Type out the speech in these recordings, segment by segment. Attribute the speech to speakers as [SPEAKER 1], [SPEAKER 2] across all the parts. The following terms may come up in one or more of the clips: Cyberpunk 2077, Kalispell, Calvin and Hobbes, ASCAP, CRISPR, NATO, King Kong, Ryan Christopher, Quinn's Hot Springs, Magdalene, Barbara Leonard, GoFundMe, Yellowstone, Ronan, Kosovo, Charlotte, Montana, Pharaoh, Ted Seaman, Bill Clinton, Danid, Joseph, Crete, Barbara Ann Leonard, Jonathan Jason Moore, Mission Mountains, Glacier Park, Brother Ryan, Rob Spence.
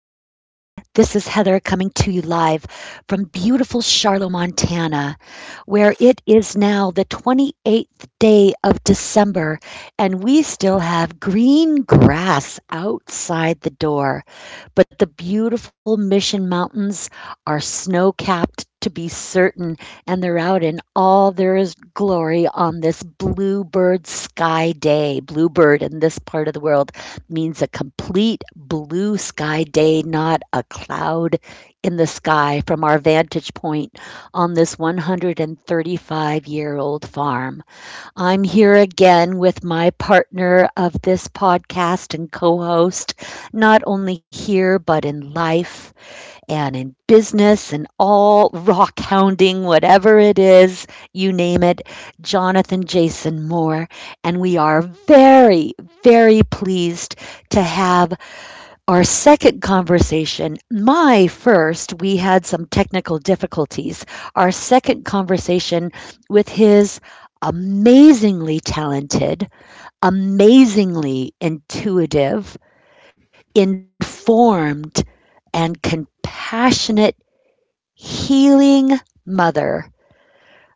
[SPEAKER 1] This is Heather coming to you live from beautiful Charlotte, Montana, where it is now the 28th day of December, and we still have green grass outside the door. But the beautiful Mission Mountains are snow capped to be certain, and they're out in all their glory on this bluebird sky day. Bluebird in this part of the world means a complete blue sky day, not a cloud in the sky from our vantage point on this 135-year-old farm. I'm here again with my partner of this podcast and co host, not only here, but in life, and in business and all rock hounding, whatever it is, you name it, Jonathan Jason Moore. And we are very, very pleased to have our second conversation. My first, we had some technical difficulties. Our second conversation with his amazingly talented, amazingly intuitive, informed, and compassionate healing mother.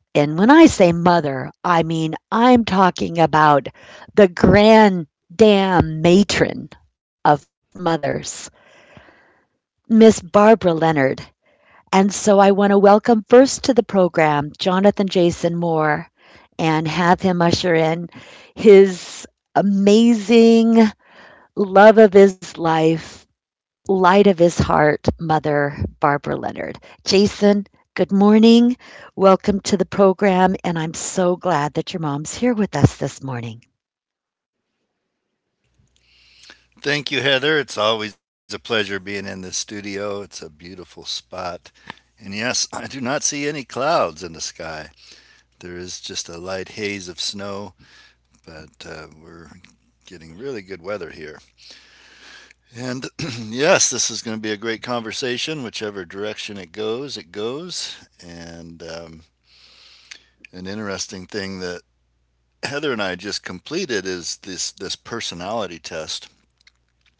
[SPEAKER 1] And when I say mother, I mean I'm talking about the grand damn matron of mothers, Miss Barbara Leonard. And so I want to welcome first to the program Jonathan Jason Moore and have him usher in his amazing love of his life, light of his heart, mother, Barbara Leonard. Jason, good morning. Welcome to the program, and I'm so glad that your mom's here with us this morning.
[SPEAKER 2] Thank you, Heather. It's always a pleasure being in the studio. It's a beautiful spot. And yes, I do not see any clouds in the sky. There is just a light haze of snow, but we're getting really good weather here. And yes, this is going to be a great conversation. Whichever direction it goes, it goes. And An interesting thing that Heather and I just completed is this personality test.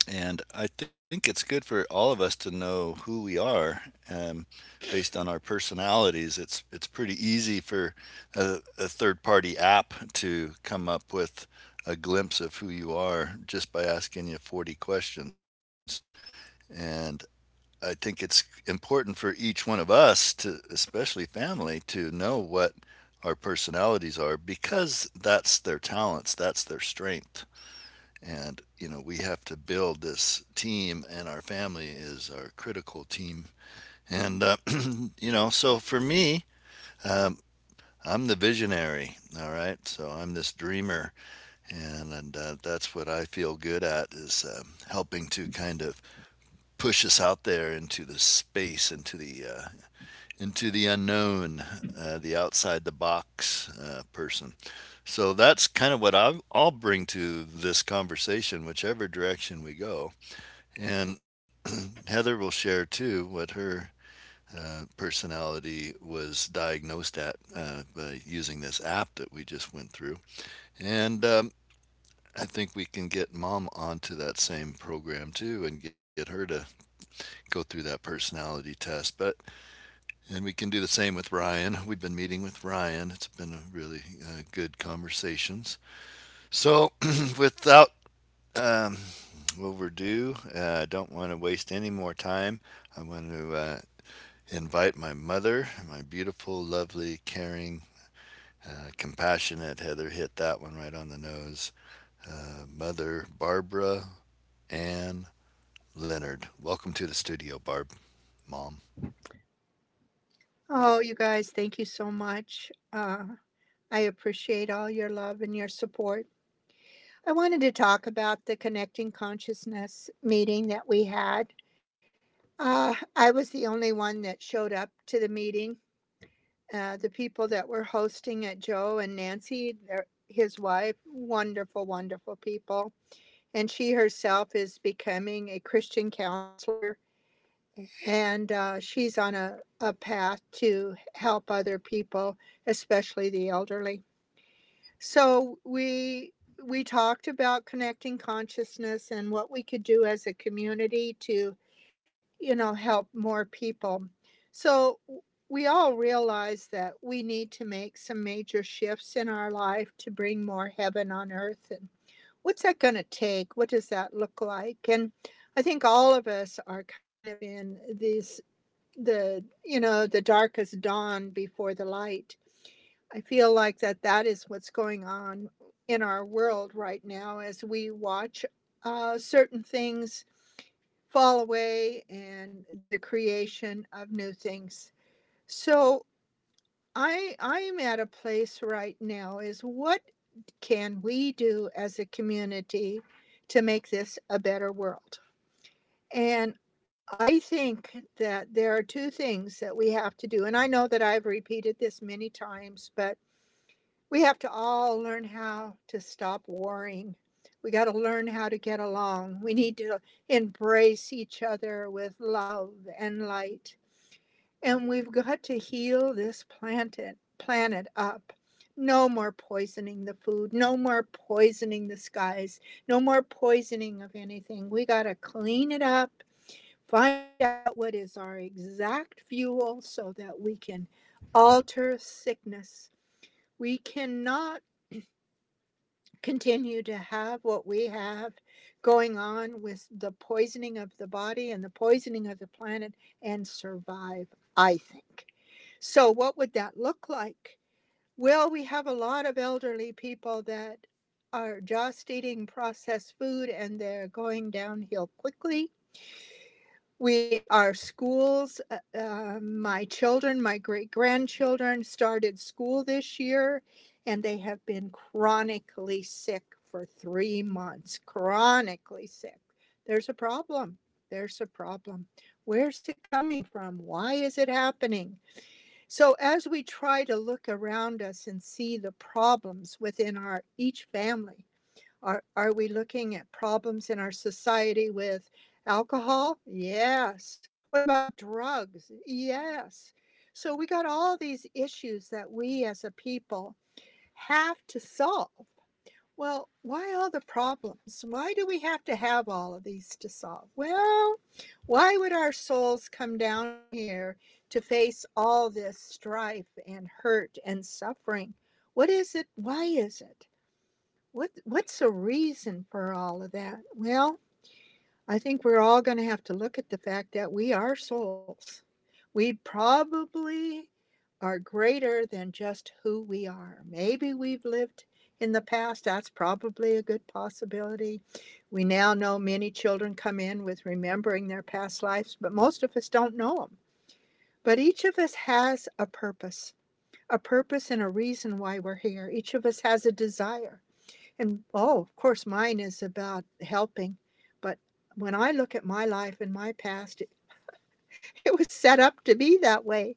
[SPEAKER 2] And I think it's good for all of us to know who we are, um, based on our personalities. It's pretty easy for a third party app to come up with a glimpse of who you are just by asking you 40 questions. And I think it's important for each one of us, to especially family, to know what our personalities are, because that's their talents, that's their strength. And, you know, we have to build this team, and our family is our critical team. And, uh, so for me, um, I'm the visionary, all right? So I'm this dreamer, and, and that's what I feel good at is, helping to kind of push us out there into the space, into the into the unknown, the outside the box person. So that's kind of what I'll bring to this conversation, whichever direction we go. And Heather will share too what her personality was diagnosed at, by using this app that we just went through. And I think we can get mom onto that same program too and get her to go through that personality test. But and we can do the same with Ryan. We've been meeting with Ryan. It's been a really, good conversations. So without, um, overdue, I don't want to waste any more time. I want to invite my mother, my beautiful, lovely, caring, compassionate, Heather hit that one right on the nose. Mother Barbara Ann Leonard. Welcome to the studio, Barb, mom.
[SPEAKER 3] Oh, you guys, thank you so much. I appreciate all your love and your support. I wanted to talk about the Connecting Consciousness meeting that we had. I was the only one that showed up to the meeting. The people that were hosting it, Joe and Nancy, their, his wife, wonderful, wonderful people. And she herself is becoming a Christian counselor, and she's on a path to help other people, especially the elderly. So we talked about connecting consciousness and what we could do as a community to, you know, help more people. So we all realize that we need to make some major shifts in our life to bring more heaven on earth, and what's that going to take? What does that look like? And I think all of us are kind of in these, the, you know, the darkest dawn before the light. I feel like that is what's going on in our world right now, as we watch certain things fall away and the creation of new things. So I am at a place right now. Is what can we do as a community to make this a better world? And I think that there are two things that we have to do. And I know that I've repeated this many times, but we have to all learn how to stop warring. We got to learn how to get along. We need to embrace each other with love and light. And we've got to heal this planet, planet up. No more poisoning the food, no more poisoning the skies, no more poisoning of anything. We got to clean it up, find out what is our exact fuel so that we can alter sickness. We cannot continue to have what we have going on with the poisoning of the body and the poisoning of the planet and survive, I think. So, what would that look like? Well, we have a lot of elderly people that are just eating processed food and they're going downhill quickly. We, our schools, my children, my great grandchildren started school this year, and they have been chronically sick for 3 months, chronically sick. There's a problem. There's a problem. Where's it coming from? Why is it happening? So as we try to look around us and see the problems within our each family, are we looking at problems in our society with alcohol? Yes. What about drugs? Yes. So we got all these issues that we as a people have to solve. Well, why all the problems? Why do we have to have all of these to solve? Well, why would our souls come down here to face all this strife and hurt and suffering? What is it? Why is it? What's the reason for all of that? Well, I think we're all going to have to look at the fact that we are souls. We probably are greater than just who we are. Maybe we've lived in the past, that's probably a good possibility. We now know many children come in with remembering their past lives, but most of us don't know them. But each of us has a purpose and a reason why we're here. Each of us has a desire. And oh, of course, mine is about helping. But when I look at my life and my past, it, it was set up to be that way,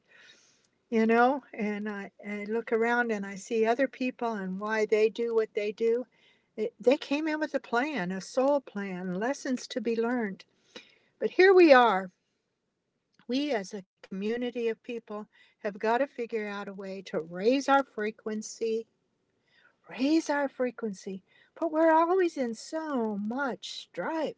[SPEAKER 3] you know. And I look around and I see other people and why they do what they do. It, they came in with a plan, a soul plan, lessons to be learned. But here we are. We, as a community of people, have got to figure out a way to raise our frequency, raise our frequency. But we're always in so much strife.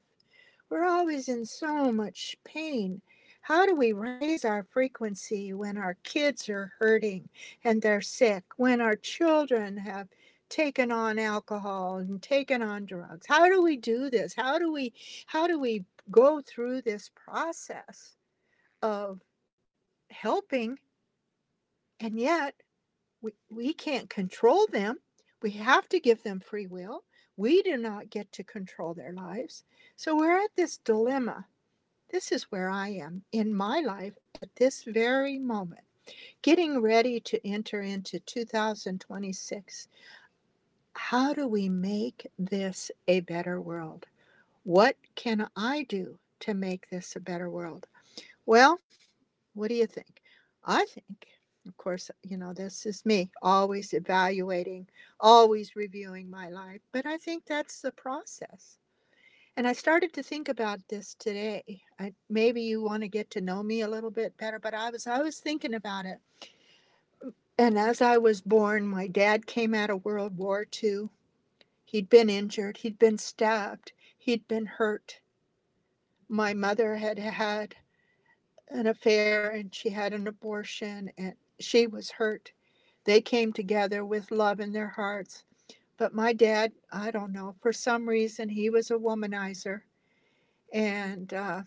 [SPEAKER 3] We're always in so much pain. How do we raise our frequency when our kids are hurting and they're sick, when our children have taken on alcohol and taken on drugs? How do we do this? How do we go through this process of helping, and yet we can't control them. We have to give them free will. We do not get to control their lives. So we're at this dilemma. This is where I am in my life at this very moment, getting ready to enter into 2026. How do we make this a better world? What can I do to make this a better world? Well, what do you think? I think, of course, you know, this is me always evaluating, always reviewing my life, but I think that's the process. And I started to think about this today. I, maybe you want to get to know me a little bit better, but I was thinking about it. And as I was born, my dad came out of World War II. He'd been injured. He'd been stabbed. He'd been hurt. My mother had had an affair and she had an abortion and she was hurt. They came together with love in their hearts. But my dad, I don't know, for some reason, he was a womanizer, and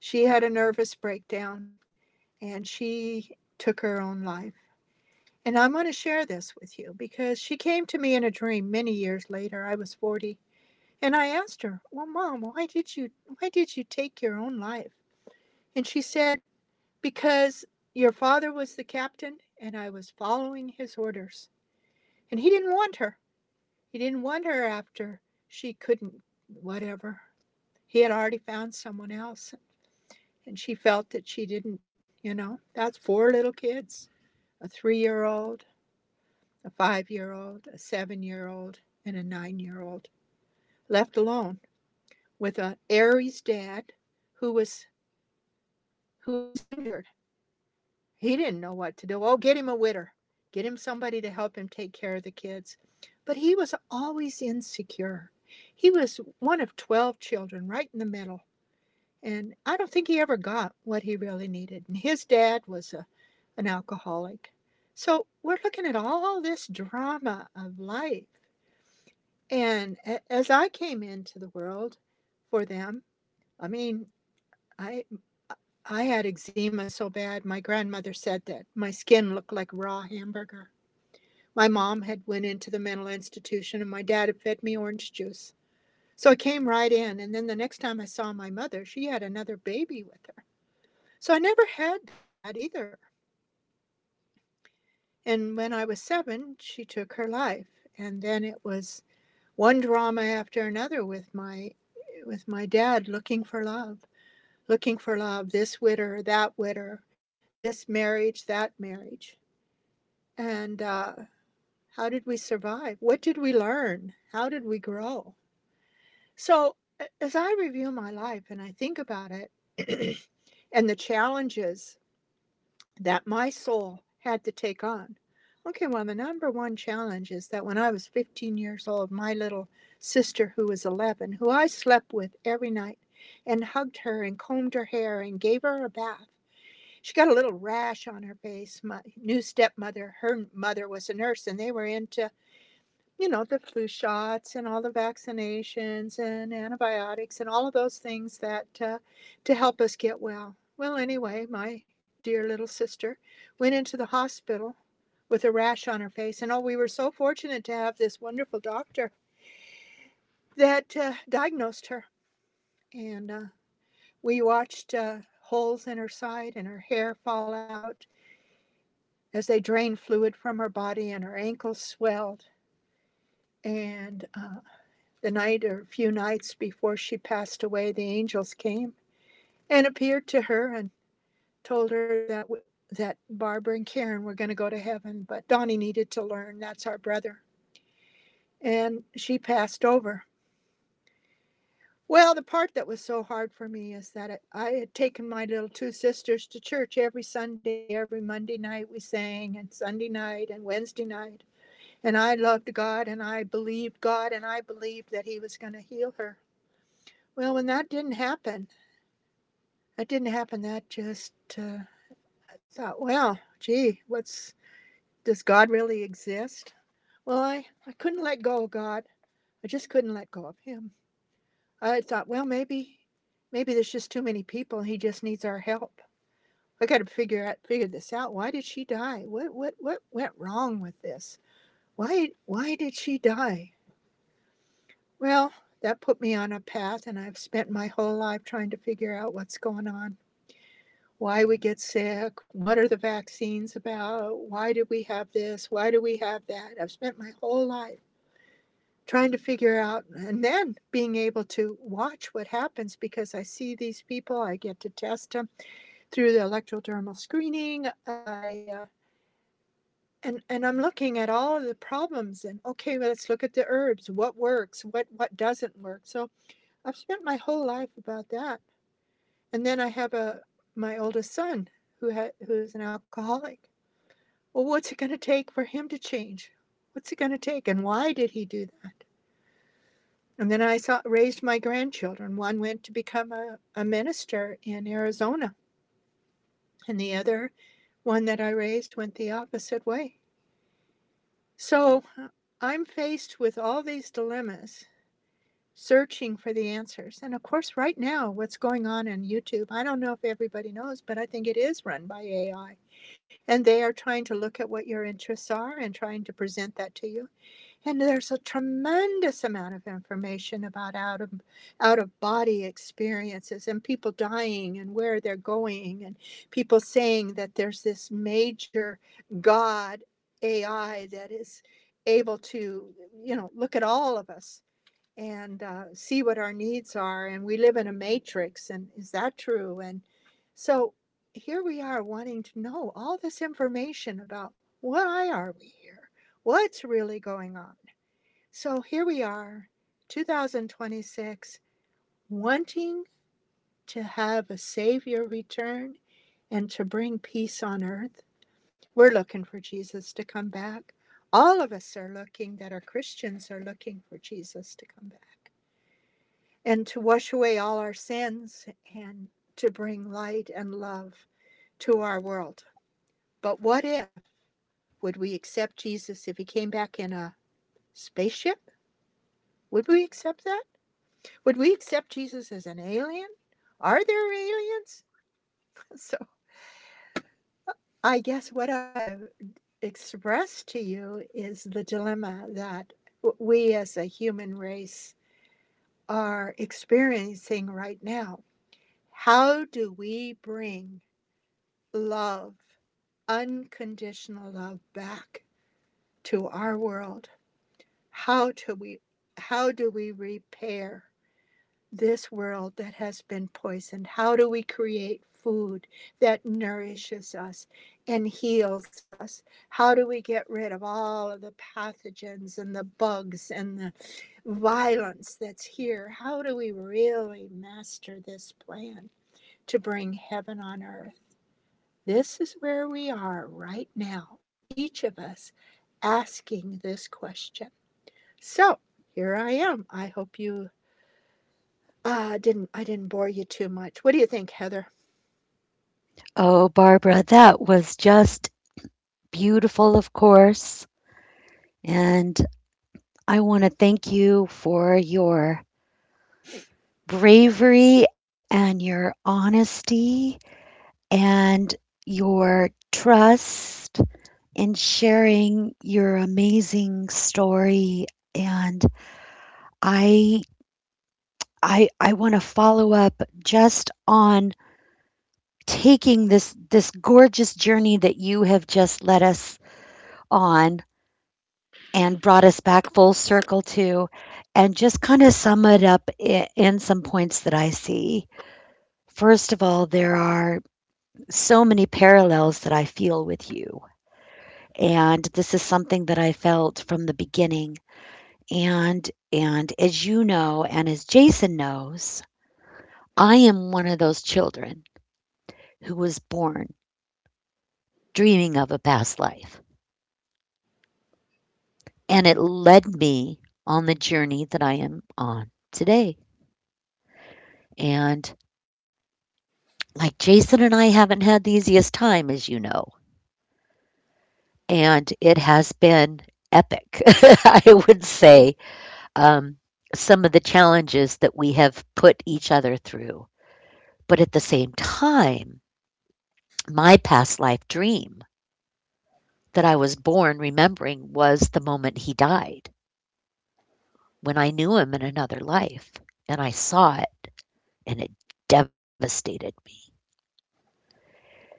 [SPEAKER 3] she had a nervous breakdown and she took her own life. And I'm going to share this with you because she came to me in a dream many years later. I was 40, and I asked her, "Well, mom, why did you take your own life?" And she said, "Because your father was the captain and I was following his orders. And he didn't want her. He didn't want her after she couldn't whatever. He had already found someone else, and she felt that she didn't, you know, that's four little kids, a 3 year old, a 5 year old, a 7 year old, and a 9 year old, left alone with an Aries dad who was who was injured. He didn't know what to do. Oh, get him a widder, get him somebody to help him take care of the kids. But he was always insecure. He was one of 12 children, right in the middle. And I don't think he ever got what he really needed. And his dad was an alcoholic. So we're looking at all this drama of life. And as I came into the world for them, I mean, I I had eczema so bad my grandmother said that my skin looked like raw hamburger. My mom had went into the mental institution and my dad had fed me orange juice. So I came right in, and then the next time I saw my mother, she had another baby with her. So I never had that either. And when I was 7, she took her life. And then it was one drama after another with my dad looking for love, this widder, that widder, this marriage, that marriage. And How did we survive? What did we learn? How did we grow? So as I review my life and I think about it and the challenges that my soul had to take on. Okay, well, the number one challenge is that when I was 15 years old, my little sister, who was 11, who I slept with every night and hugged her and combed her hair and gave her a bath, she got a little rash on her face. My new stepmother, her mother was a nurse, and they were into, you know, the flu shots and all the vaccinations and antibiotics and all of those things that to help us get well. Well, anyway, my dear little sister went into the hospital with a rash on her face, and oh, we were so fortunate to have this wonderful doctor that diagnosed her, and we watched holes in her side and her hair fall out as they drained fluid from her body, and her ankles swelled, and the night or a few nights before she passed away, the angels came and appeared to her and told her that that Barbara and Karen were going to go to heaven, but Donnie needed to learn, that's our brother, and she passed over. Well, the part that was so hard for me is that it, I had taken my little two sisters to church every Sunday, every Monday night we sang, and Sunday night and Wednesday night. And I loved God and I believed God and I believed that He was going to heal her. Well, when that didn't happen, that didn't happen. That just, uh, I thought, well, gee, what's, does God really exist? Well, I couldn't let go of God. I just couldn't let go of Him. I thought, well, maybe, maybe there's just too many people, and He just needs our help. I got to figure out, figure this out. Why did she die? What went wrong with this? Why did she die? Well, that put me on a path, and I've spent my whole life trying to figure out what's going on, why we get sick, what are the vaccines about, why did we have this, why do we have that. I've spent my whole life trying to figure out and then being able to watch what happens because I see these people, I get to test them through the electrodermal screening. I and I'm looking at all of the problems and, okay, well, let's look at the herbs, what works, what doesn't work. So I've spent my whole life about that. And then I have a my oldest son who's an alcoholic. Well, what's it going to take for him to change? What's it going to take? And why did he do that? And then I raised my grandchildren. One went to become a minister in Arizona, and the other one that I raised went the opposite way. So I'm faced with all these dilemmas, searching for the answers. And of course, right now, what's going on YouTube, I don't know if everybody knows, but I think it is run by AI. And they are trying to look at what your interests are and trying to present that to you. And there's a tremendous amount of information about out of body experiences and people dying and where they're going, and people saying that there's this major god AI that is able to look at all of us, and see what our needs are, and we live in a matrix, and is that true? And so here we are, wanting to know all this information about why are we here, what's really going on. So here we are, 2026, wanting to have a Savior return and to bring peace on earth. We're looking for Jesus to come back. All of us are looking, that are Christians, are looking for Jesus to come back and to wash away all our sins and to bring light and love to our world. But what if? Would we accept Jesus if he came back in a spaceship? Would we accept that? Would we accept Jesus as an alien? Are there aliens? So I guess what I've expressed to you is the dilemma that we as a human race are experiencing right now. How do we bring love, unconditional love, back to our world? How do we, how do we repair this world that has been poisoned? How do we create food that nourishes us and heals us? How do we get rid of all of the pathogens and the bugs and the violence that's here? How do we really master this plan to bring heaven on earth? This is where we are right now, each of us asking this question. So, here I am. I hope you. I didn't bore you too much. What do you think, Heather?
[SPEAKER 1] Oh, Barbara, that was just beautiful, of course. And I want to thank you for your bravery and your honesty and your trust in sharing your amazing story. And I I want to follow up just on taking this gorgeous journey that you have just led us on and brought us back full circle to, and just kind of sum it up in some points that I see. First of all, there are so many parallels that I feel with you. And this is something that I felt from the beginning. And as you know, and as Jason knows, I am one of those children who was born dreaming of a past life. And it led me on the journey that I am on today. And like Jason and I haven't had the easiest time, as you know, and it has been epic, I would say, um, some of the challenges that we have put each other through. But at the same time, my past life dream that I was born remembering was the moment he died, when I knew him in another life, and I saw it and it devastated me.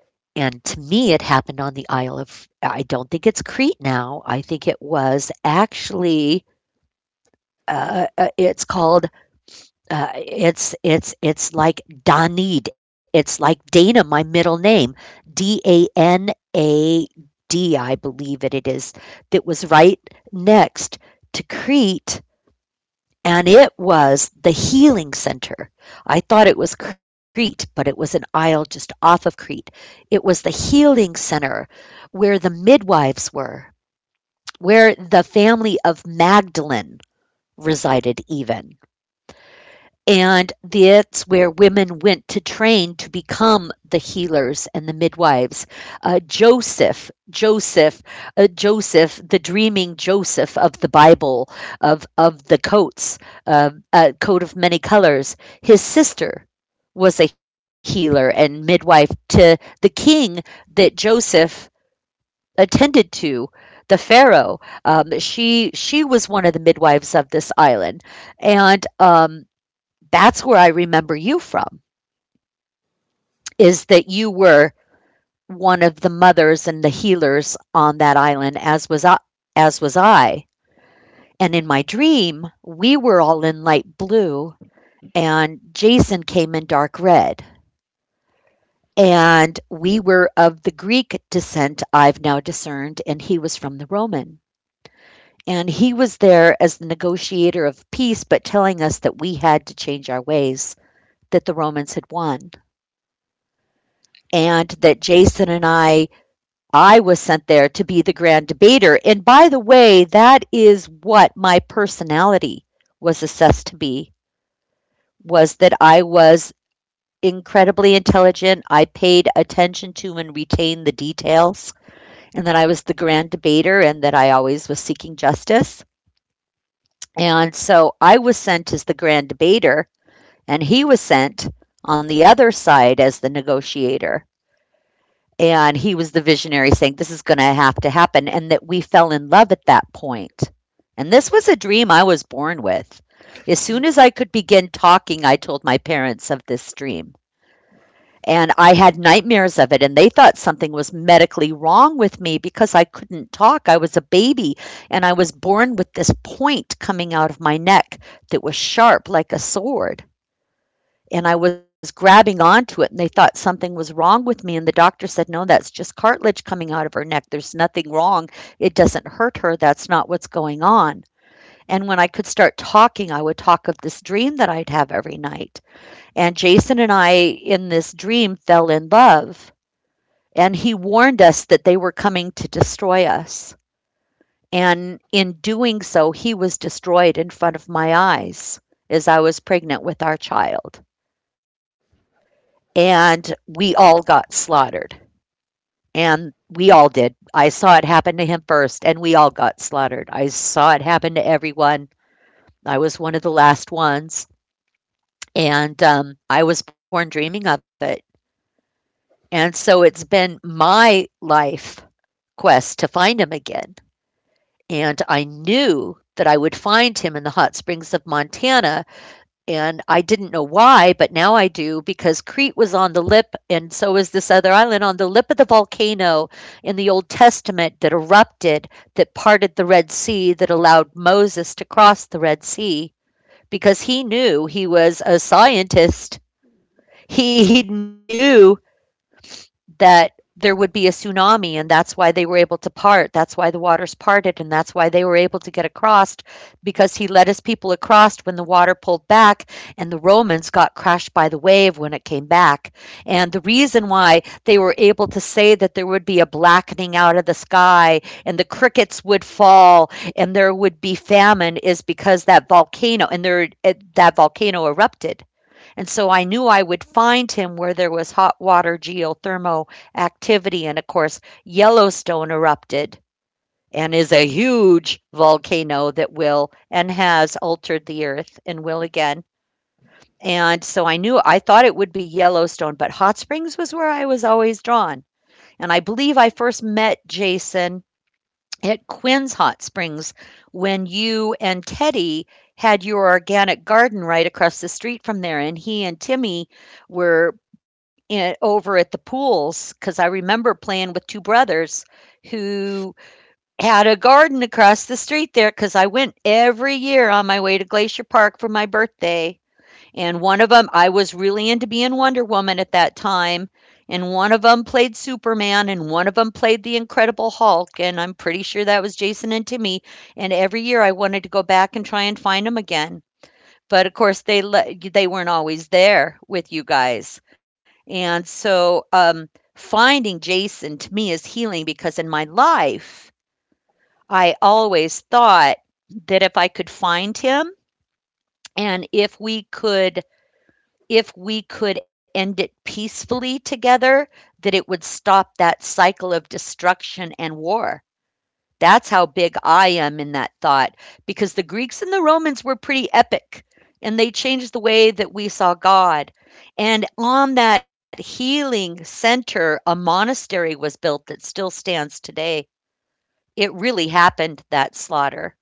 [SPEAKER 1] And to me, it happened on the Isle of, I don't think it's Crete now. I think it was actually. It's called it's like Danid. It's like Dana, my middle name, Danad, I believe it, it is. That was right next to Crete, and it was the healing center. I thought it was Crete, but it was an isle just off of Crete. It was the healing center where the midwives were, where the family of Magdalene resided, even. And that's where women went to train to become the healers and the midwives. Uh, Joseph, Joseph, Joseph, the dreaming Joseph of the Bible, of the coats, coat of many colors, his sister was a healer and midwife to the king that Joseph attended to. The Pharaoh, she was one of the midwives of this island, and that's where I remember you from, is that you were one of the mothers and the healers on that island, as was I. And in my dream, we were all in light blue, and Jason came in dark red. And we were of the Greek descent, I've now discerned, and he was from the Roman. And he was there as the negotiator of peace, but telling us that we had to change our ways, that the Romans had won and that Jason and I was sent there to be the grand debater. And by the way, that is what my personality was assessed to be, was that I was incredibly intelligent. I paid attention to and retained the details, and that I was the grand debater and that I always was seeking justice. And so I was sent as the grand debater, and he was sent on the other side as the negotiator. And he was the visionary saying, "This is going to have to happen." And that we fell in love at that point. And this was a dream I was born with. As soon as I could begin talking, I told my parents of this dream. And I had nightmares of it, and they thought something was medically wrong with me because I couldn't talk. I was a baby, and I was born with this point coming out of my neck that was sharp like a sword, and I was grabbing onto it, and they thought something was wrong with me, and the doctor said no, that's just cartilage coming out of her neck, there's nothing wrong, it doesn't hurt her, that's not what's going on. And when I could start talking, I would talk of this dream that I'd have every night. And Jason and I in this dream fell in love, and he warned us that they were coming to destroy us, and in doing so he was destroyed in front of my eyes as I was pregnant with our child, and we all got slaughtered. And we all did. I saw it happen to him first, and we all got slaughtered. I saw it happen to everyone. I was one of the last ones, and I was born dreaming of it. And so it's been my life quest to find him again. And I knew that I would find him in the hot springs of Montana. And I didn't know why, but now I do, because Crete was on the lip, and so is this other island, on the lip of the volcano in the Old Testament that erupted, that parted the Red Sea, that allowed Moses to cross the Red Sea, because he knew, he was a scientist. He knew that there would be a tsunami, and that's why they were able to part, that's why the waters parted, and that's why they were able to get across, because he led his people across when the water pulled back, and the Romans got crashed by the wave when it came back. And the reason why they were able to say that there would be a blackening out of the sky and the crickets would fall and there would be famine, is because that volcano, and there that volcano erupted. And so I knew I would find him where there was hot water, geothermal activity. And of course, Yellowstone erupted and is a huge volcano that will and has altered the earth, and will again. And so I knew, I thought it would be Yellowstone, but Hot Springs was where I was always drawn. And I believe I first met Jason at Quinn's Hot Springs when you and Teddy had your organic garden right across the street from there, and he and Timmy were in, over at the pools, because I remember playing with two brothers who had a garden across the street there, because I went every year on my way to Glacier Park for my birthday, and one of them, I was really into being Wonder Woman at that time. And one of them played Superman, and one of them played the Incredible Hulk. And I'm pretty sure that was Jason and Timmy. And every year I wanted to go back and try and find them again. But of course, they weren't always there with you guys. And so finding Jason to me is healing, because in my life, I always thought that if I could find him, and if we could, if we could end it peacefully together, that it would stop that cycle of destruction and war. That's how big I am in that thought, because the Greeks and the Romans were pretty epic, and they changed the way that we saw God. And on that healing center, a monastery was built that still stands today. It really happened, that slaughter.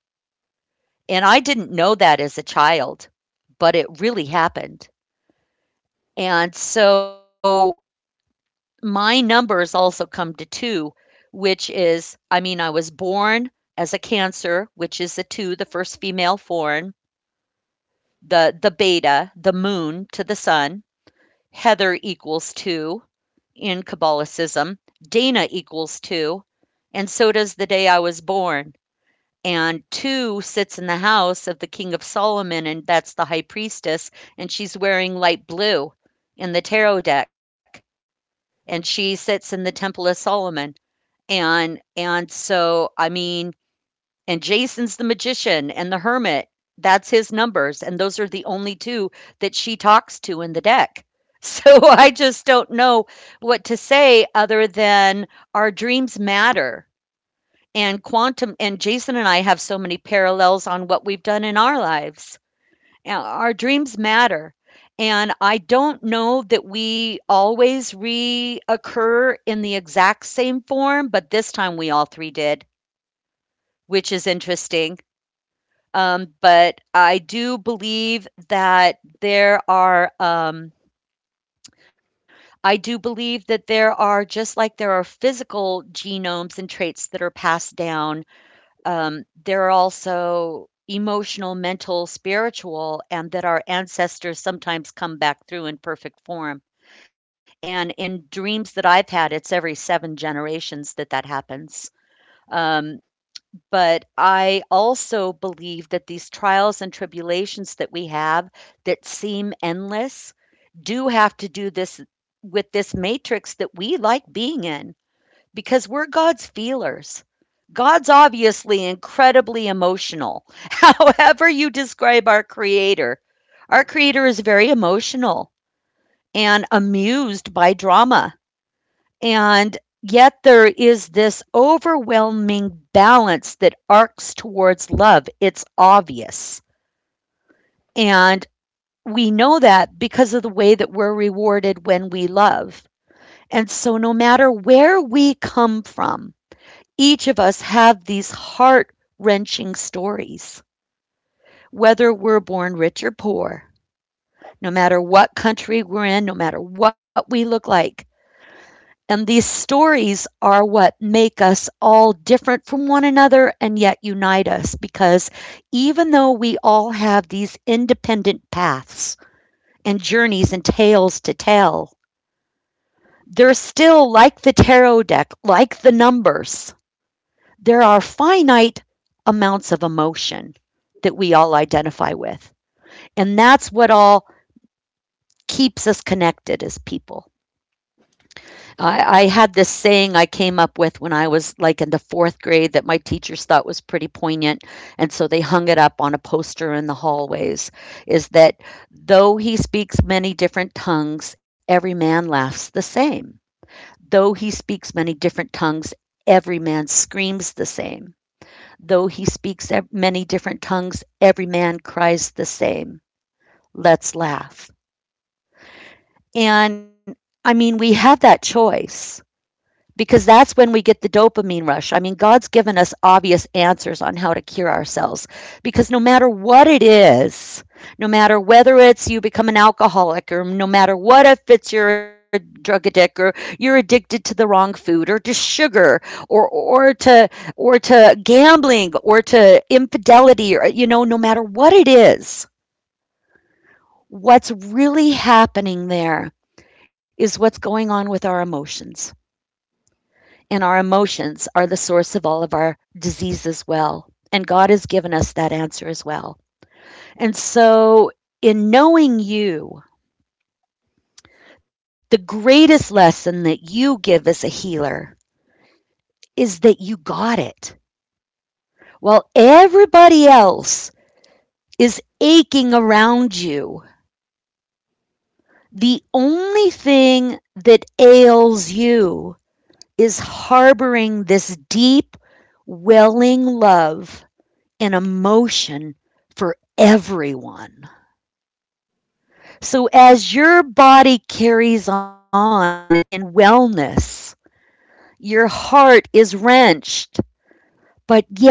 [SPEAKER 1] And I didn't know that as a child, but it really happened. And so my numbers also come to two, which is, I mean, I was born as a Cancer, which is the two, the first female foreign, the beta, the moon to the sun. Heather equals two in Kabbalicism. Dana equals two. And so does the day I was born. And two sits in the house of the King of Solomon, and that's the high priestess, and she's wearing light blue in the tarot deck. And she sits in the Temple of Solomon. And so, and Jason's the magician and the hermit. That's his numbers, and those are the only 2 that she talks to in the deck. So, I just don't know what to say other than our dreams matter, and quantum and Jason and I have so many parallels on what we've done in our lives. Our dreams matter. And I don't know that we always reoccur in the exact same form, but this time we all three did, which is interesting. But I do believe that there are, I do believe that there are, just like there are physical genomes and traits that are passed down. There are also emotional, mental, spiritual, and that our ancestors sometimes come back through in perfect form. And in dreams that I've had, it's every 7 generations that that happens. Um, but I also believe that these trials and tribulations that we have that seem endless do have to do this with this matrix that we like being in, because we're God's feelers. God's obviously incredibly emotional. However you describe our Creator is very emotional and amused by drama. And yet, there is this overwhelming balance that arcs towards love. It's obvious. And we know that because of the way that we're rewarded when we love. And so, no matter where we come from, each of us have these heart wrenching stories, whether we're born rich or poor, no matter what country we're in, no matter what we look like. And these stories are what make us all different from one another and yet unite us, because even though we all have these independent paths and journeys and tales to tell, they're still like the tarot deck, like the numbers. There are finite amounts of emotion that we all identify with. And that's what all keeps us connected as people. I had this saying I came up with when I was like in the fourth grade that my teachers thought was pretty poignant. And so they hung it up on a poster in the hallways, is that though he speaks many different tongues, every man laughs the same. Though he speaks many different tongues, every man screams the same. Though he speaks many different tongues, every man cries the same. Let's laugh. And I mean, we have that choice, because that's when we get the dopamine rush. I mean, God's given us obvious answers on how to cure ourselves, because no matter what it is, no matter whether it's you become an alcoholic, or no matter what, if it's you're a drug addict or you're addicted to the wrong food or to sugar or or to gambling or to infidelity or you know no matter what it is, what's really happening there is what's going on with our emotions. And our emotions are the source of all of our disease as well. And God has given us that answer as well. And so, in knowing you, the greatest lesson that you give as a healer is that you got it. While everybody else is aching around you, the only thing that ails you is harboring this deep, welling love, an emotion, for everyone. So as your body carries on in wellness, your heart is wrenched, but yet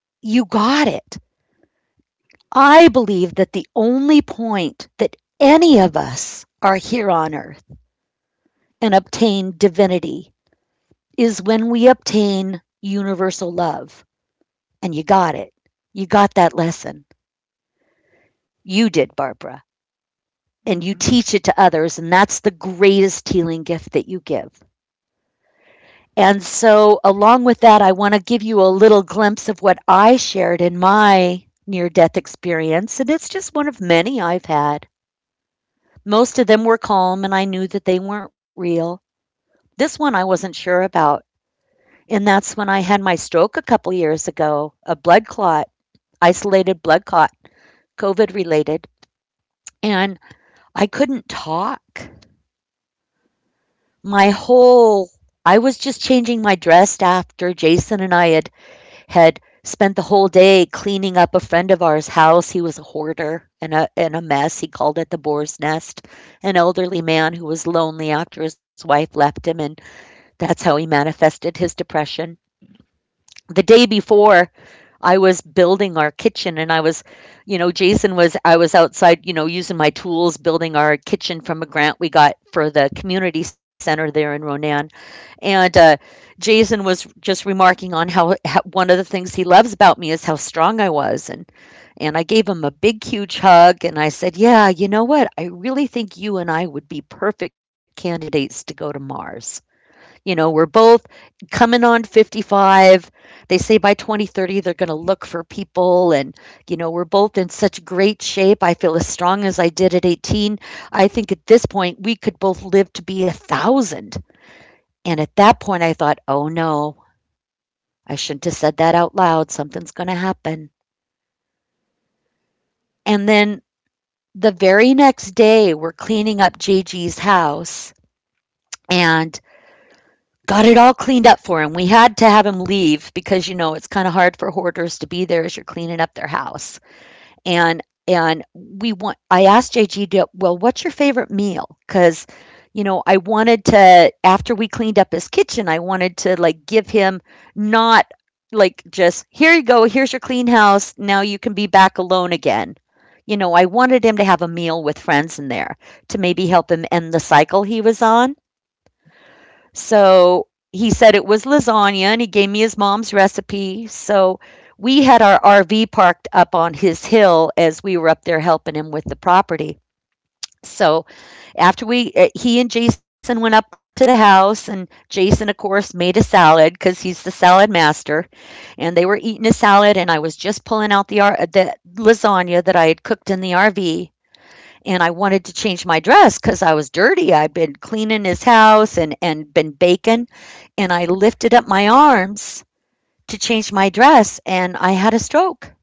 [SPEAKER 1] you got it. I believe that the only point that any of us are here on earth and obtain divinity is when we obtain universal love. And you got it. You got that lesson. You did, Barbara. And you
[SPEAKER 3] Hmm.
[SPEAKER 1] teach it to others. And that's the greatest healing gift that you give. And so, along with that, I want to give you a little glimpse of what I shared in my near death experience. And it's just one of many I've had. Most of them were calm, and I knew that they weren't real. This one I wasn't sure about. And that's when I had my stroke a couple years ago, a blood clot, isolated blood clot, COVID related. And I couldn't talk. My whole I was just changing my dress after Jason and I had spent the whole day cleaning up a friend of ours' house. He was a hoarder and a mess. He called it the boar's nest, an elderly man who was lonely after his wife left him, and that's how he manifested his depression. The day before, I was building our kitchen and I was, you know, Jason was I was outside, you know, using my tools, building our kitchen from a grant we got for the community center there in Ronan. And Jason was just remarking on how, one of the things he loves about me is how strong I was, and I gave him a big, huge hug, and I said, "Yeah, you know what? I really think you and I would be perfect candidates to go to Mars. You know, we're both coming on 55. They say by 2030 they're going to look for people, and you know, we're both in such great shape. I feel as strong as I did at 18. I think at this point we could both live to be 1,000." And at that point, I thought, oh no, I shouldn't have said that out loud. Something's going to happen. And then the very next day, we're cleaning up JG's house and got it all cleaned up for him. We had to have him leave because, you know, it's kind of hard for hoarders to be there as you're cleaning up their house. And we want I asked JG, well, what's your favorite meal? Because you know, I wanted to, after we cleaned up his kitchen, I wanted to, like, give him, not like, just, here you go, here's your clean house, now you can be back alone again. You know, I wanted him to have a meal with friends in there to maybe help him end the cycle he was on. So he said it was lasagna, and he gave me his mom's recipe. So we had our RV parked up on his hill as we were up there helping him with the property. So after we, he and Jason went up to the house, and Jason, of course, made a salad because he's the salad master. And they were eating a salad, and I was just pulling out the, the lasagna that I had cooked in the RV. And I wanted to change my dress because I was dirty. I'd been cleaning his house and been baking. And I lifted up my arms to change my dress, and I had a stroke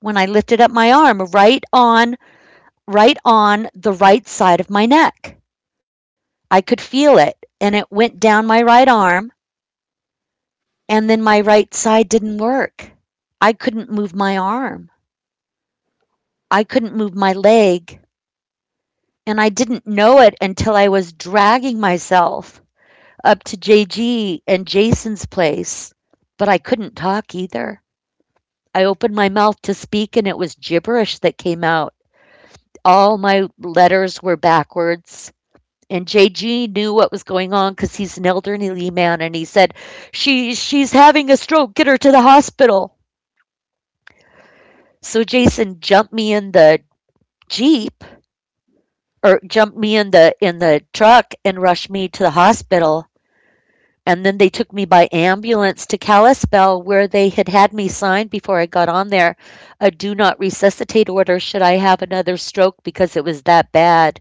[SPEAKER 1] when I lifted up my arm, right on the right side of my neck. I could feel it, and it went down my right arm, and then my right side didn't work. I couldn't move my arm. I couldn't move my leg, and I didn't know it until I was dragging myself up to JG and Jason's place, but I couldn't talk either. I opened my mouth to speak, and it was gibberish that came out. All my letters were backwards. And JG knew what was going on because he's an elderly man, and he said, She's having a stroke. Get her to the hospital. So Jason jumped me in the Jeep, or jumped me in the truck, and rushed me to the hospital. And then they took me by ambulance to Kalispell, where they had had me sign before I got on there a do not resuscitate order should I have another stroke, because it was that bad.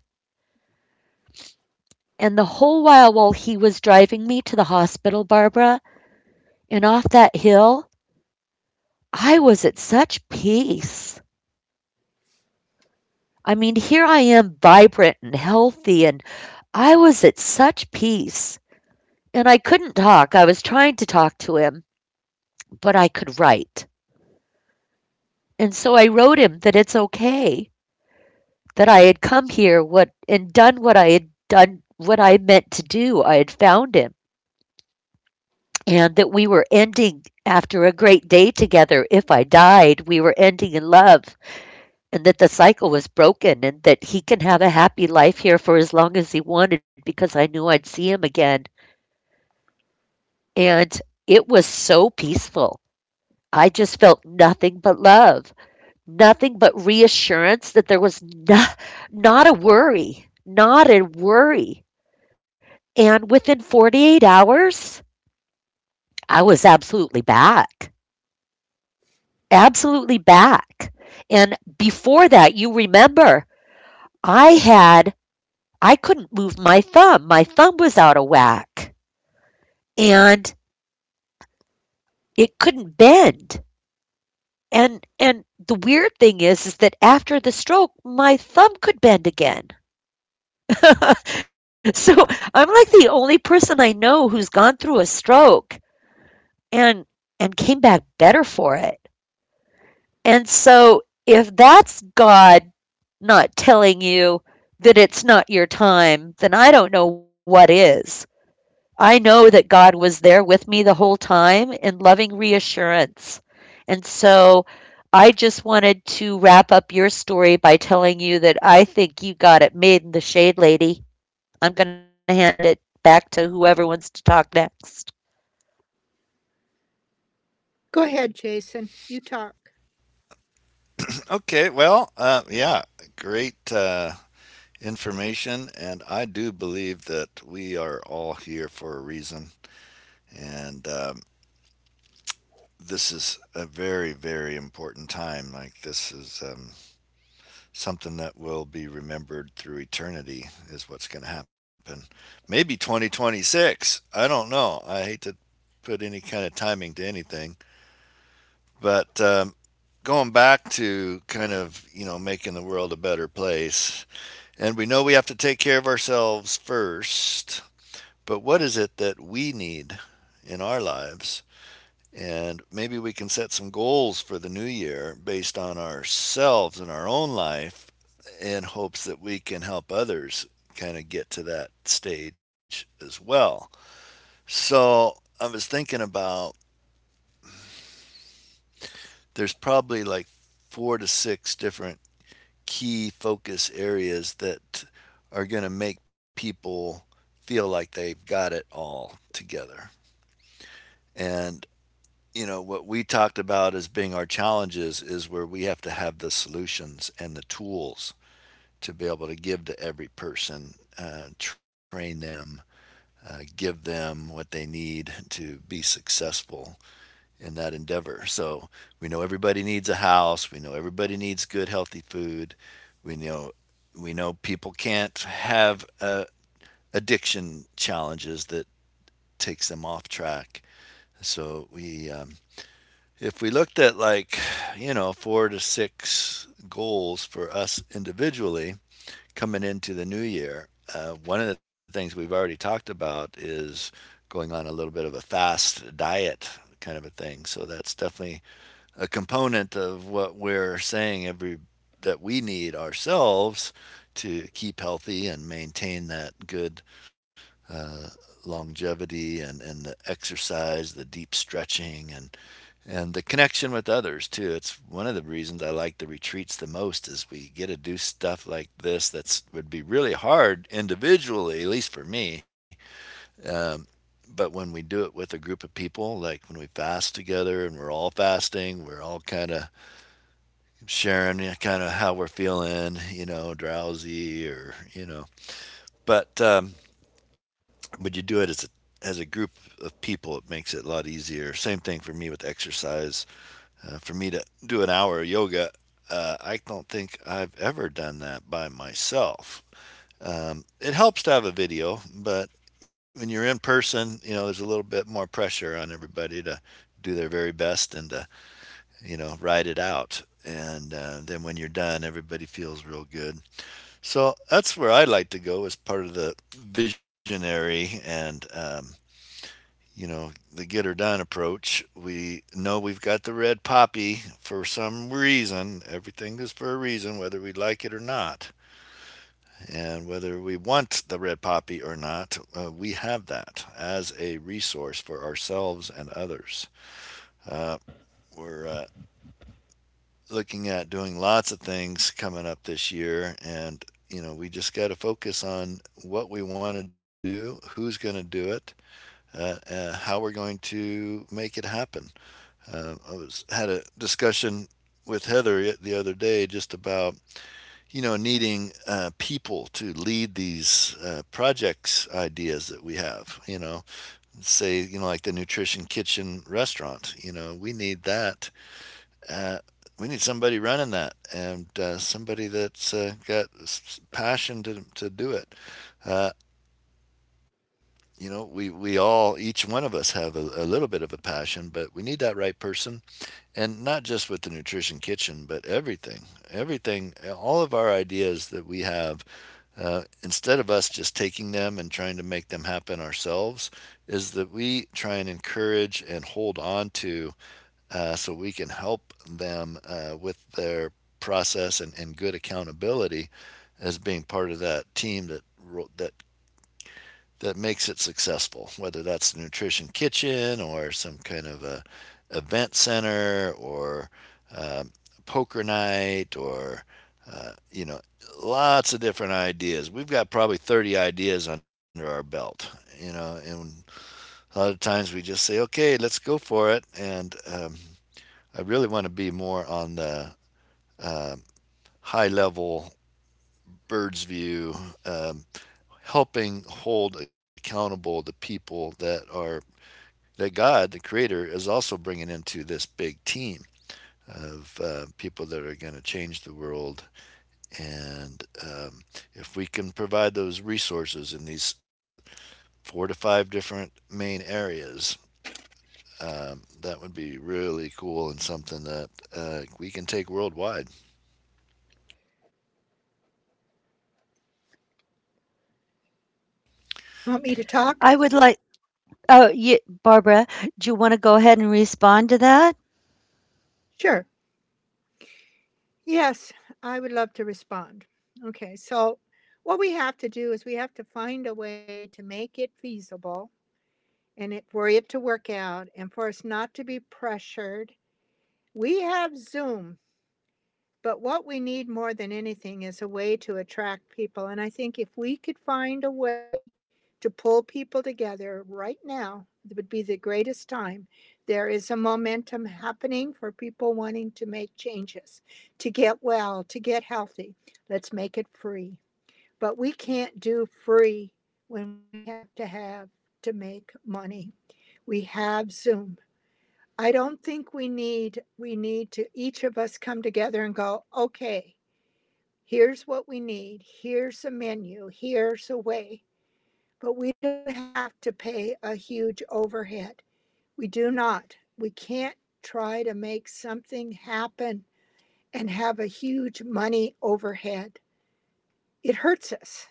[SPEAKER 1] And the whole while he was driving me to the hospital, Barbara, and off that hill, I was at such peace. I mean, here I am vibrant and healthy, and I was at such peace. And I couldn't talk. I was trying to talk to him, but I could write. And so I wrote him that it's okay, that I had come here what and done what I had done, what I meant to do. I had found him, and that we were ending after a great day together. If I died, we were ending in love, and that the cycle was broken, and that he can have a happy life here for as long as he wanted, because I knew I'd see him again. And it was so peaceful. I just felt nothing but love, nothing but reassurance that there was no, not a worry. And within 48 hours, I was absolutely back, absolutely back. And before that, you remember, I had, I couldn't move my thumb. My thumb was out of whack, and it couldn't bend. The weird thing is that after the stroke my thumb could bend again so I'm like the only person I know who's gone through a stroke and and came back better for it. And so if that's God not telling you that it's not your time, then I don't know what is. I know that God was there with me the whole time in loving reassurance. And so I just wanted to wrap up your story by telling you that I think you got it made in the shade, lady. I'm going to hand it back to whoever wants to talk next.
[SPEAKER 3] Go ahead, Jason. You talk.
[SPEAKER 2] Okay, well, yeah, great, information. And I do believe that we are all here for a reason. And this is a very, very important time. Like, this is, something that will be remembered through eternity is what's going to happen. Maybe 2026. I don't know. I hate to put any kind of timing to anything, but, going back to kind of, you know, making the world a better place, and we know we have to take care of ourselves first. But what is it that we need in our lives, and maybe we can set some goals for the new year based on ourselves and our own life, in hopes that we can help others kind of get to that stage as well. So I was thinking about, there's probably like four to six different key focus areas that are going to make people feel like they've got it all together. And you know what we talked about as being our challenges is where we have to have the solutions and the tools to be able to give to every person, train them, give them what they need to be successful in that endeavor. So we know everybody needs a house, we know everybody needs good healthy food, we know, we know people can't have, addiction challenges that takes them off track. So we, if we looked at like, you know, four to six goals for us individually coming into the new year, one of the things we've already talked about is going on a little bit of a fast diet kind of a thing. So that's definitely a component of what we're saying, every, that we need ourselves to keep healthy and maintain that good longevity, and the exercise, the deep stretching, and the connection with others too. It's one of the reasons I like the retreats the most is we get to do stuff like this that's would be really hard individually, at least for me. um, but when we do it with a group of people, like when we fast together and we're all fasting, we're all kind of sharing kind of how we're feeling, you know, drowsy or you know. But, when you do it as a, as a group of people, it makes it a lot easier. Same thing for me with exercise. Uh, for me to do an hour of yoga, I don't think I've ever done that by myself. It helps to have a video, but when you're in person, you know, there's a little bit more pressure on everybody to do their very best, and to, you know, ride it out. And then when you're done, everybody feels real good. So that's where I like to go as part of the visionary. And you know, the get her done approach. We know we've got the red poppy for some reason. Everything is for a reason, whether we like it or not. And whether we want the red poppy or not, we have that as a resource for ourselves and others. Uh, we're, looking at doing lots of things coming up this year, and you know, we just got to focus on what we want to do, who's going to do it, how we're going to make it happen. I was had a discussion with Heather the other day just about, you know, needing, people to lead these, projects, ideas that we have. You know, say, you know, like the nutrition kitchen restaurant. You know, we need that. Uh, we need somebody running that, and somebody that's, got passion to do it. Uh, you know, we all, each one of us have a little bit of a passion, but we need that right person, and not just with the nutrition kitchen, but everything, everything, all of our ideas that we have. Uh, instead of us just taking them and trying to make them happen ourselves, is that we try and encourage and hold on to, so we can help them, with their process, and good accountability, as being part of that team that that that makes it successful, whether that's the nutrition kitchen or some kind of a event center, or, um, poker night, or, you know, lots of different ideas. We've got probably 30 ideas under our belt, you know, and a lot of times we just say, okay, let's go for it. And I really want to be more on the, uh, high level bird's view, um, helping hold accountable the people that are, that God, the creator, is also bringing into this big team of, people that are going to change the world. And if we can provide those resources in these four to five different main areas, that would be really cool, and something that, we can take worldwide.
[SPEAKER 3] Want me to talk?
[SPEAKER 1] I would like, oh, you, Barbara, do you want to go ahead and respond to that?
[SPEAKER 3] Sure. Yes, I would love to respond. Okay, so what we have to do is we have to find a way to make it feasible, and for it to work out and for us not to be pressured. We have Zoom. But what we need more than anything is a way to attract people. And I think if we could find a way to pull people together right now, it would be the greatest time. There is a momentum happening for people wanting to make changes, to get well, to get healthy. Let's make it free. But we can't do free when we have to make money. We have Zoom. I don't think we need to each of us come together and go, "Okay, here's what we need, here's a menu, here's a way." But we don't have to pay a huge overhead. We do not. We can't try to make something happen and have a huge money overhead. It hurts us.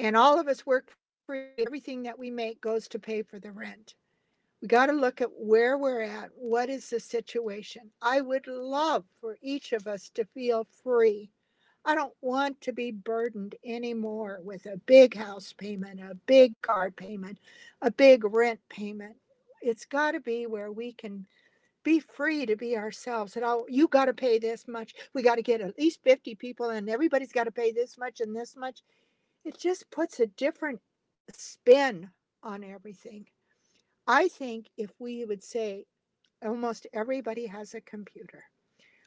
[SPEAKER 3] And all of us work for free, and everything that we make goes to pay for the rent. We got to look at where we're at. What is the situation? I would love for each of us to feel free. I don't want to be burdened anymore with a big house payment, a big car payment, a big rent payment. It's got to be where we can be free to be ourselves. And, oh, you got to pay this much. We got to get at least 50 people, and everybody's got to pay this much and this much. It just puts a different spin on everything. I think if we would say almost everybody has a computer,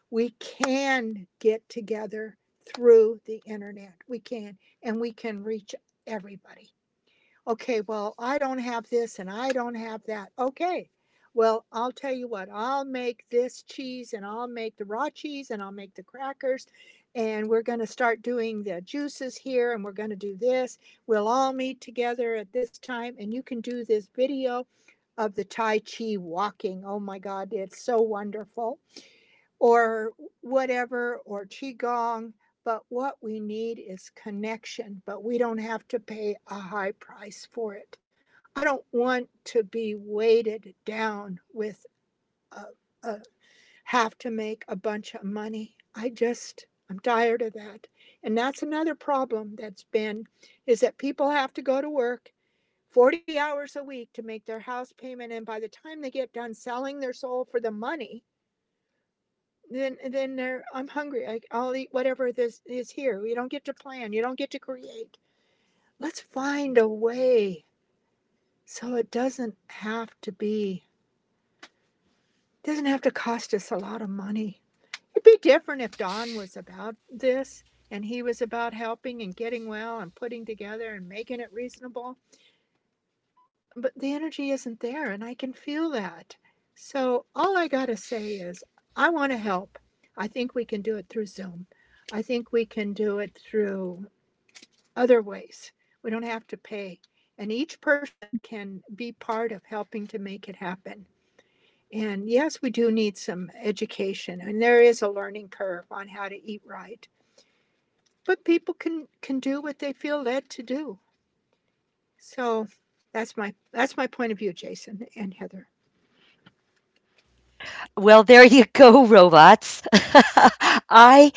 [SPEAKER 3] we can get together through the internet. We can, and we can reach everybody. Okay, well, I don't have this and I don't have that. Okay, well, I'll tell you what, I'll make this cheese, and I'll make the raw cheese, and I'll make the crackers, and we're going to start doing the juices here, and we're going to do this. We'll all meet together at this time, and you can do this video of the Tai Chi walking. Oh my God, it's so wonderful, or whatever, or qigong. But what we need is connection, but we don't have to pay a high price for it. I don't want to be weighted down with a, a have to make a bunch of money. I'm tired of that. And that's another problem that's been, is that people have to go to work 40 hours a week to make their house payment, and by the time they get done selling their soul for the money, then there, I'm hungry. I'll eat whatever this is here. You don't get to plan. You don't get to create. Let's find a way so it doesn't have to be doesn't have to cost us a lot of money. It'd be different if Don was about this and he was about helping and getting well and putting together and making it reasonable. But the energy isn't there, and I can feel that. So all I got to say is I want to help. I think we can do it through Zoom. I think we can do it through other ways. We don't have to pay. And each person can be part of helping to make it happen. And yes, we do need some education, and there is a learning curve on how to eat right. But people can do what they feel led to do. So that's my point of view, Jason and Heather.
[SPEAKER 1] Well, there you go, robots. I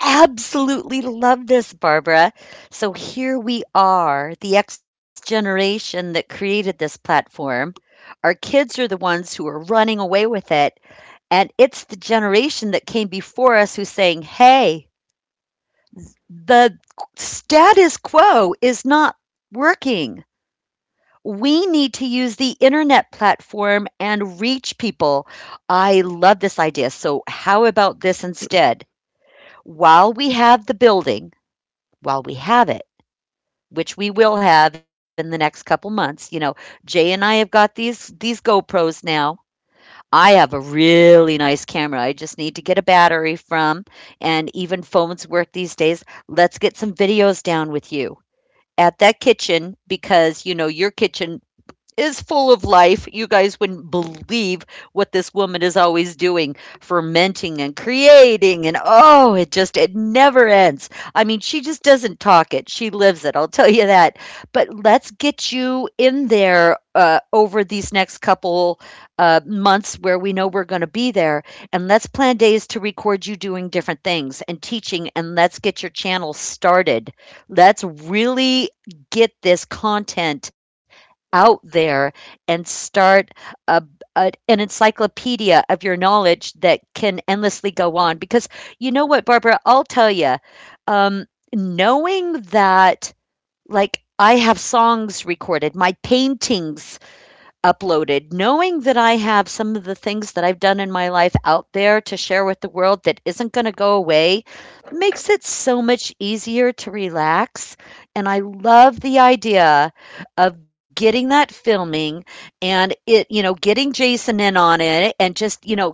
[SPEAKER 1] absolutely love this, Barbara. So here we are, the X generation that created this platform. Our kids are the ones who are running away with it. And it's the generation that came before us who's saying, hey, the status quo is not working. We need to use the internet platform and reach people. I love this idea. So, how about this instead? While we have the building, while we have it, which we will have in the next couple months, you know, Jay and I have got these GoPros now. I have a really nice camera. I just need to get a battery from, and even phones work these days. Let's get some videos down with you at that kitchen, because you know your kitchen is full of life. You guys wouldn't believe what this woman is always doing, fermenting and creating, and oh, it just it never ends. I mean, she just doesn't talk it. She lives it. I'll tell you that. But let's get you in there over these next couple months where we know we're going to be there. And let's plan days to record you doing different things and teaching. And let's get your channel started. Let's really get this content out there and start a, a, an encyclopedia of your knowledge that can endlessly go on. Because you know what, Barbara, I'll tell you, um, knowing that, like, I have songs recorded, my paintings uploaded, knowing that I have some of the things that I've done in my life out there to share with the world that isn't going to go away makes it so much easier to relax. And I love the idea of getting that filming and it, you know, getting Jason in on it and just, you know,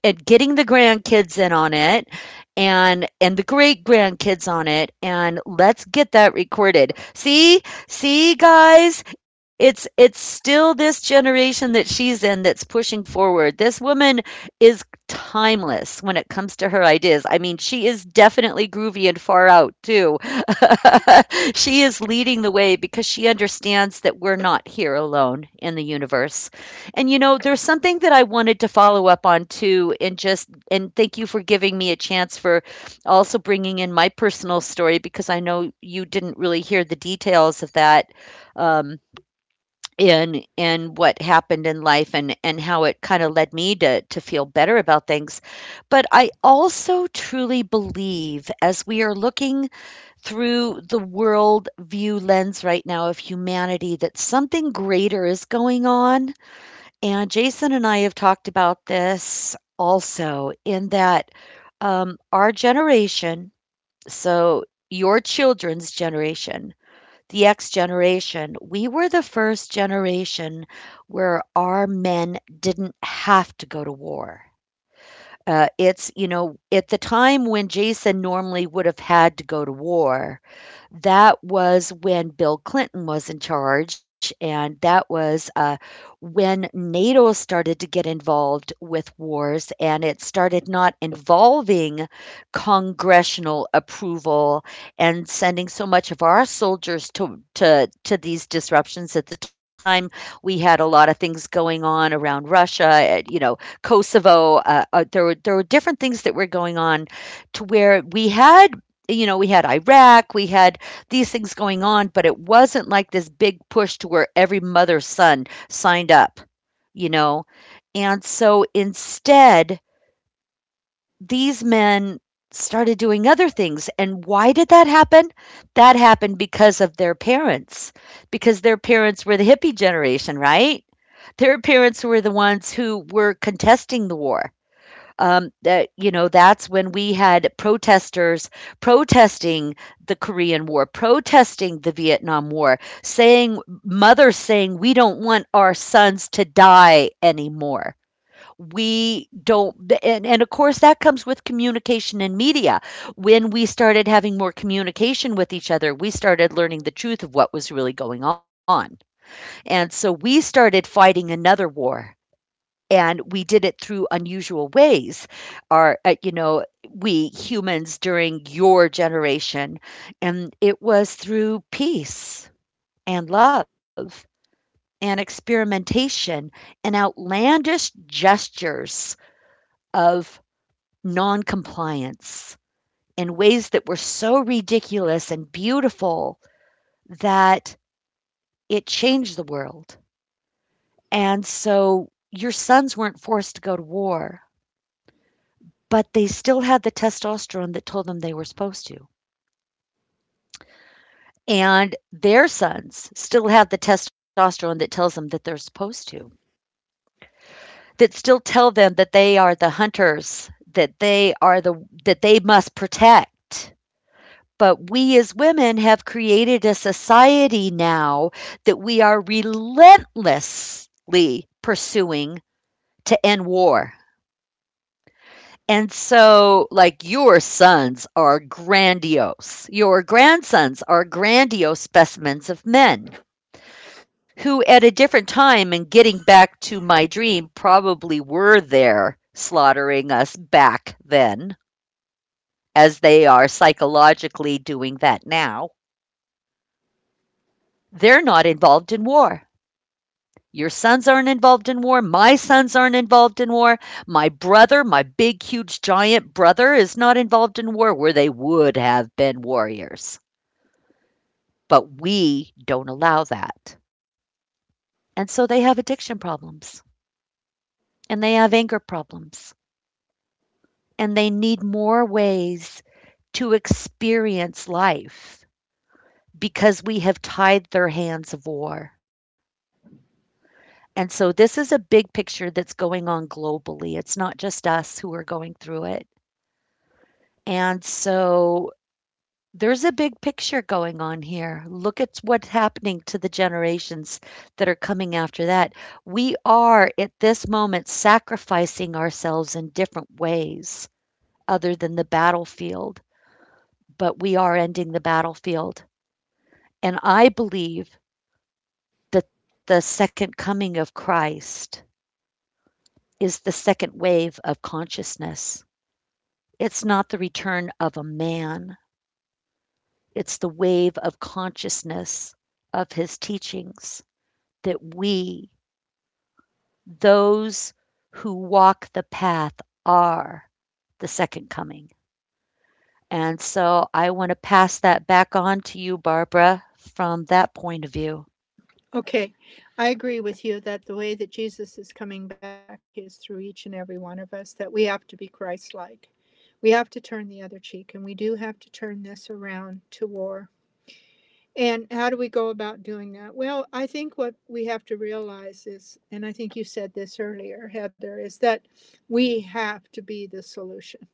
[SPEAKER 1] at getting the grandkids in on it and the great grandkids on it, and let's get that recorded. See, see guys, it's still this generation that she's in that's pushing forward. This woman is timeless when it comes to her ideas. I mean, she is definitely groovy and far out too. She is leading the way because she understands that we're not here alone in the universe. And you know, there's something that I wanted to follow up on too, and just and thank you for giving me a chance for also bringing in my personal story, because I know you didn't really hear the details of that, um, in what happened in life and how it kind of led me to feel better about things. But I also truly believe, as we are looking through the world view lens right now of humanity, that something greater is going on. And Jason and I have talked about this also, in that our generation, so your children's generation, the X generation, we were the first generation where our men didn't have to go to war. It's, you know, at the time when Jason normally would have had to go to war, that was when Bill Clinton was in charge, and that was, when NATO started to get involved with wars, and it started not involving congressional approval and sending so much of our soldiers to these disruptions. At the time, we had a lot of things going on around Russia, and, you know, Kosovo. There were different things that were going on to where we had, you know, we had Iraq, we had these things going on, but it wasn't like this big push to where every mother's son signed up, you know? And so instead, these men started doing other things. And why did that happen? That happened because of their parents, because their parents were the hippie generation, right? Their parents were the ones who were contesting the war, that you know that's when we had protesters protesting the Korean War, protesting the Vietnam War, saying mothers saying we don't want our sons to die anymore. We don't, and of course, that comes with communication and media. When we started having more communication with each other, we started learning the truth of what was really going on. And so we started fighting another war, and we did it through unusual ways. Our, you know, we humans during your generation, and it was through peace and love and experimentation and outlandish gestures of noncompliance, in ways that were so ridiculous and beautiful that it changed the world. And so your sons weren't forced to go to war. But they still had the testosterone that told them they were supposed to. And their sons still have the testosterone that tells them that they're supposed to, that still tell them that they are the hunters, that they are the that they must protect. But we as women have created a society now that we are relentlessly pursuing to end war. And so, like, your sons are grandiose. Your grandsons are grandiose specimens of men who, at a different time and getting back to my dream, probably were there slaughtering us back then, as they are psychologically doing that now. They're not involved in war. Your sons aren't involved in war. My sons aren't involved in war. My brother, my big, huge, giant brother, is not involved in war, where they would have been warriors. But we don't allow that. And so they have addiction problems and they have anger problems and they need more ways to experience life, because we have tied their hands of war. And so this is a big picture that's going on globally. It's not just us who are going through it. And so there's a big picture going on here. Look at what's happening to the generations that are coming after that. We are at this moment sacrificing ourselves in different ways other than the battlefield, but we are ending the battlefield. And I believe that the second coming of Christ is the second wave of consciousness. It's not the return of a man. It's the wave of consciousness of his teachings, that we, those who walk the path, are the second coming. And so I want to pass that back on to you, Barbara, from that point of view.
[SPEAKER 3] Okay, I agree with you that the way that Jesus is coming back is through each and every one of us, that we have to be Christ like. We have to turn the other cheek, and we do have to turn this around to war. And how do we go about doing that? Well, I think what we have to realize is, and I think you said this earlier, Heather, is that we have to be the solution.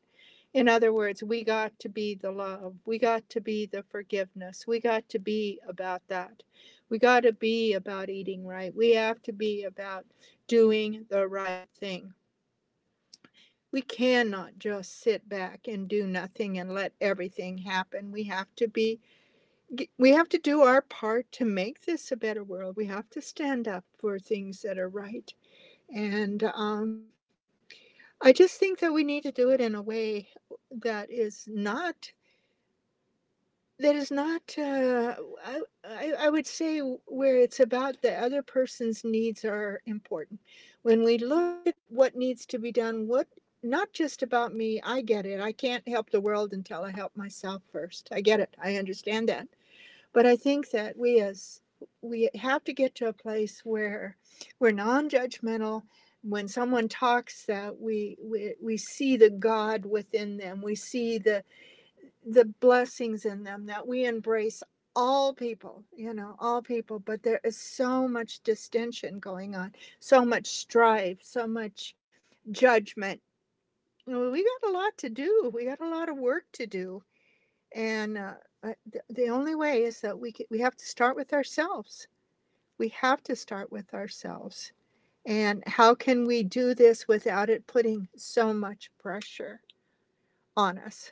[SPEAKER 3] In other words, we got to be the love. We got to be the forgiveness. We got to be about that. We got to be about eating right. We have to be about doing the right thing. We cannot just sit back and do nothing and let everything happen. We have to do our part to make this a better world. We have to stand up for things that are right. And I just think that we need to do it in a way that is not that is not, I would say, where it's about the other person's needs are important. When we look at what needs to be done, what not just about me, I get it. I can't help the world until I help myself first. I get it. I understand that. But I think that we have to get to a place where we're non-judgmental. When someone talks, that we see the God within them, we see the blessings in them, that we embrace all people, all people. But there is so much distension going on, so much strife, so much judgment. We got a lot to do. We got a lot of work to do, and I- the only way is that we have to start with ourselves. We have to start with ourselves. And how can we do this without it putting so much pressure on us?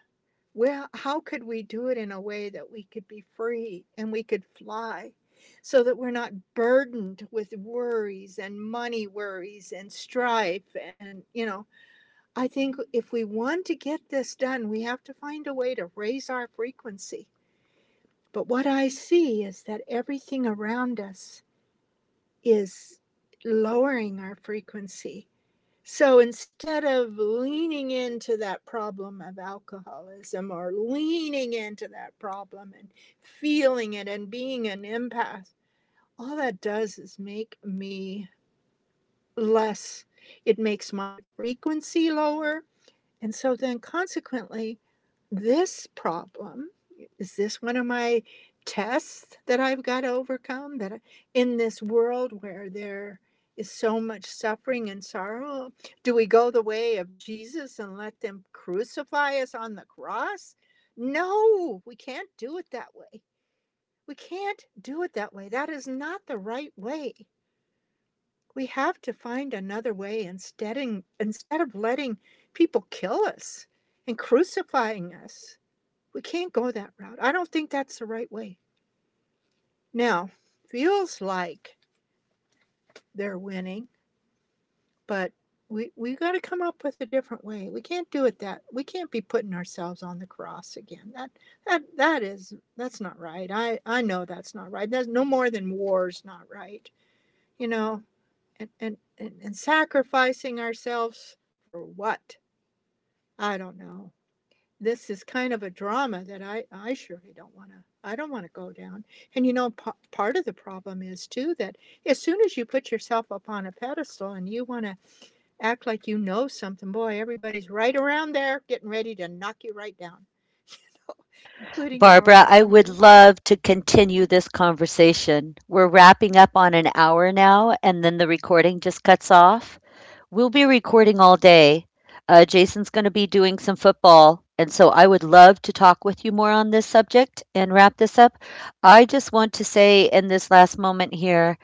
[SPEAKER 3] Well, how could we do it in a way that we could be free and we could fly, so that we're not burdened with worries and money worries and strife, and, I think if we want to get this done, we have to find a way to raise our frequency. But what I see is that everything around us is lowering our frequency. So instead of leaning into that problem of alcoholism, or leaning into that problem and feeling it and being an empath, all that does is make me less. It makes my frequency lower. And so then, consequently, this problem is this one of my tests that I've got to overcome, that in this world where there is so much suffering and sorrow, do we go the way of Jesus and let them crucify us on the cross? No, we can't do it that way. We can't do it that way. That is not the right way. We have to find another way, instead of letting people kill us and crucifying us. We can't go that route. I don't think that's the right way. Now, feels like they're winning, but we got to come up with a different way. We can't do it that. We can't be putting ourselves on the cross again. That's not right. I know that's not right. That's no more than war's not right. You know, and sacrificing ourselves for what? I don't know. This is kind of a drama that I surely don't want to go down. And, part of the problem is, too, that as soon as you put yourself up on a pedestal and you want to act like you know something, boy, everybody's right around there getting ready to knock you right down, including your own
[SPEAKER 1] Barbara, I would
[SPEAKER 3] family.
[SPEAKER 1] love to continue this conversation. We're wrapping up on an hour now, and then the recording just cuts off. We'll be recording all day. Jason's going to be doing some football. And so I would love to talk with you more on this subject and wrap this up. I just want to say in this last moment here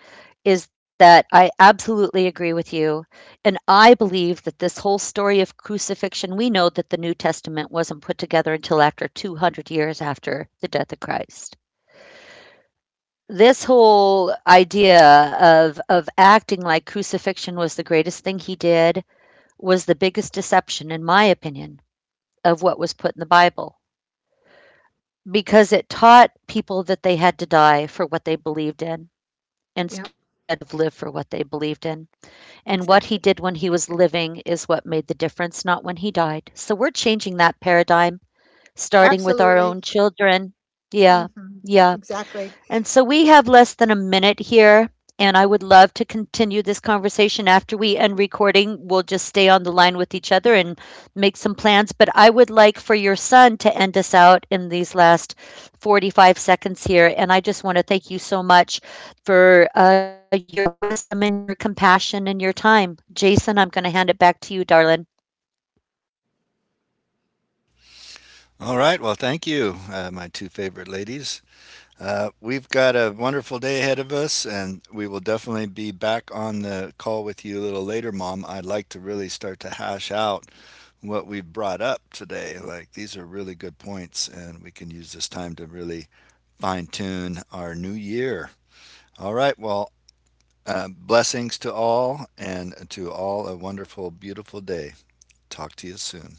[SPEAKER 1] is that I absolutely agree with you. And I believe that this whole story of crucifixion, we know that the New Testament wasn't put together until after 200 years after the death of Christ. This whole idea of acting like crucifixion was the greatest thing he did was the biggest deception, in my opinion, of what was put in the Bible, because it taught people that they had to die for what they believed in
[SPEAKER 3] Yep,
[SPEAKER 1] instead of live for what they believed in. And what he
[SPEAKER 3] exactly.
[SPEAKER 1] did when he was living is what made the difference, not when he died. So we're changing that paradigm, starting with our
[SPEAKER 3] Absolutely.
[SPEAKER 1] own children. Yeah,
[SPEAKER 3] Hmm.
[SPEAKER 1] yeah.
[SPEAKER 3] Exactly.
[SPEAKER 1] And so we have less than a minute here, and I would love to continue this conversation after we end recording. We'll just stay on the line with each other and make some plans. But I would like for your son to end us out in these last 45 seconds here. And I just want to thank you so much for your wisdom and your compassion and your time. Jason, I'm going to hand it back to you, darling.
[SPEAKER 2] All right. Well, thank you, my two favorite ladies. We've got a wonderful day ahead of us, and we will definitely be back on the call with you a little later, Mom. I'd like to really start to hash out what we've brought up today. Like, these are really good points, and we can use this time to really fine tune our new year. All right, well, blessings to all, and to all a wonderful, beautiful day. Talk to you soon.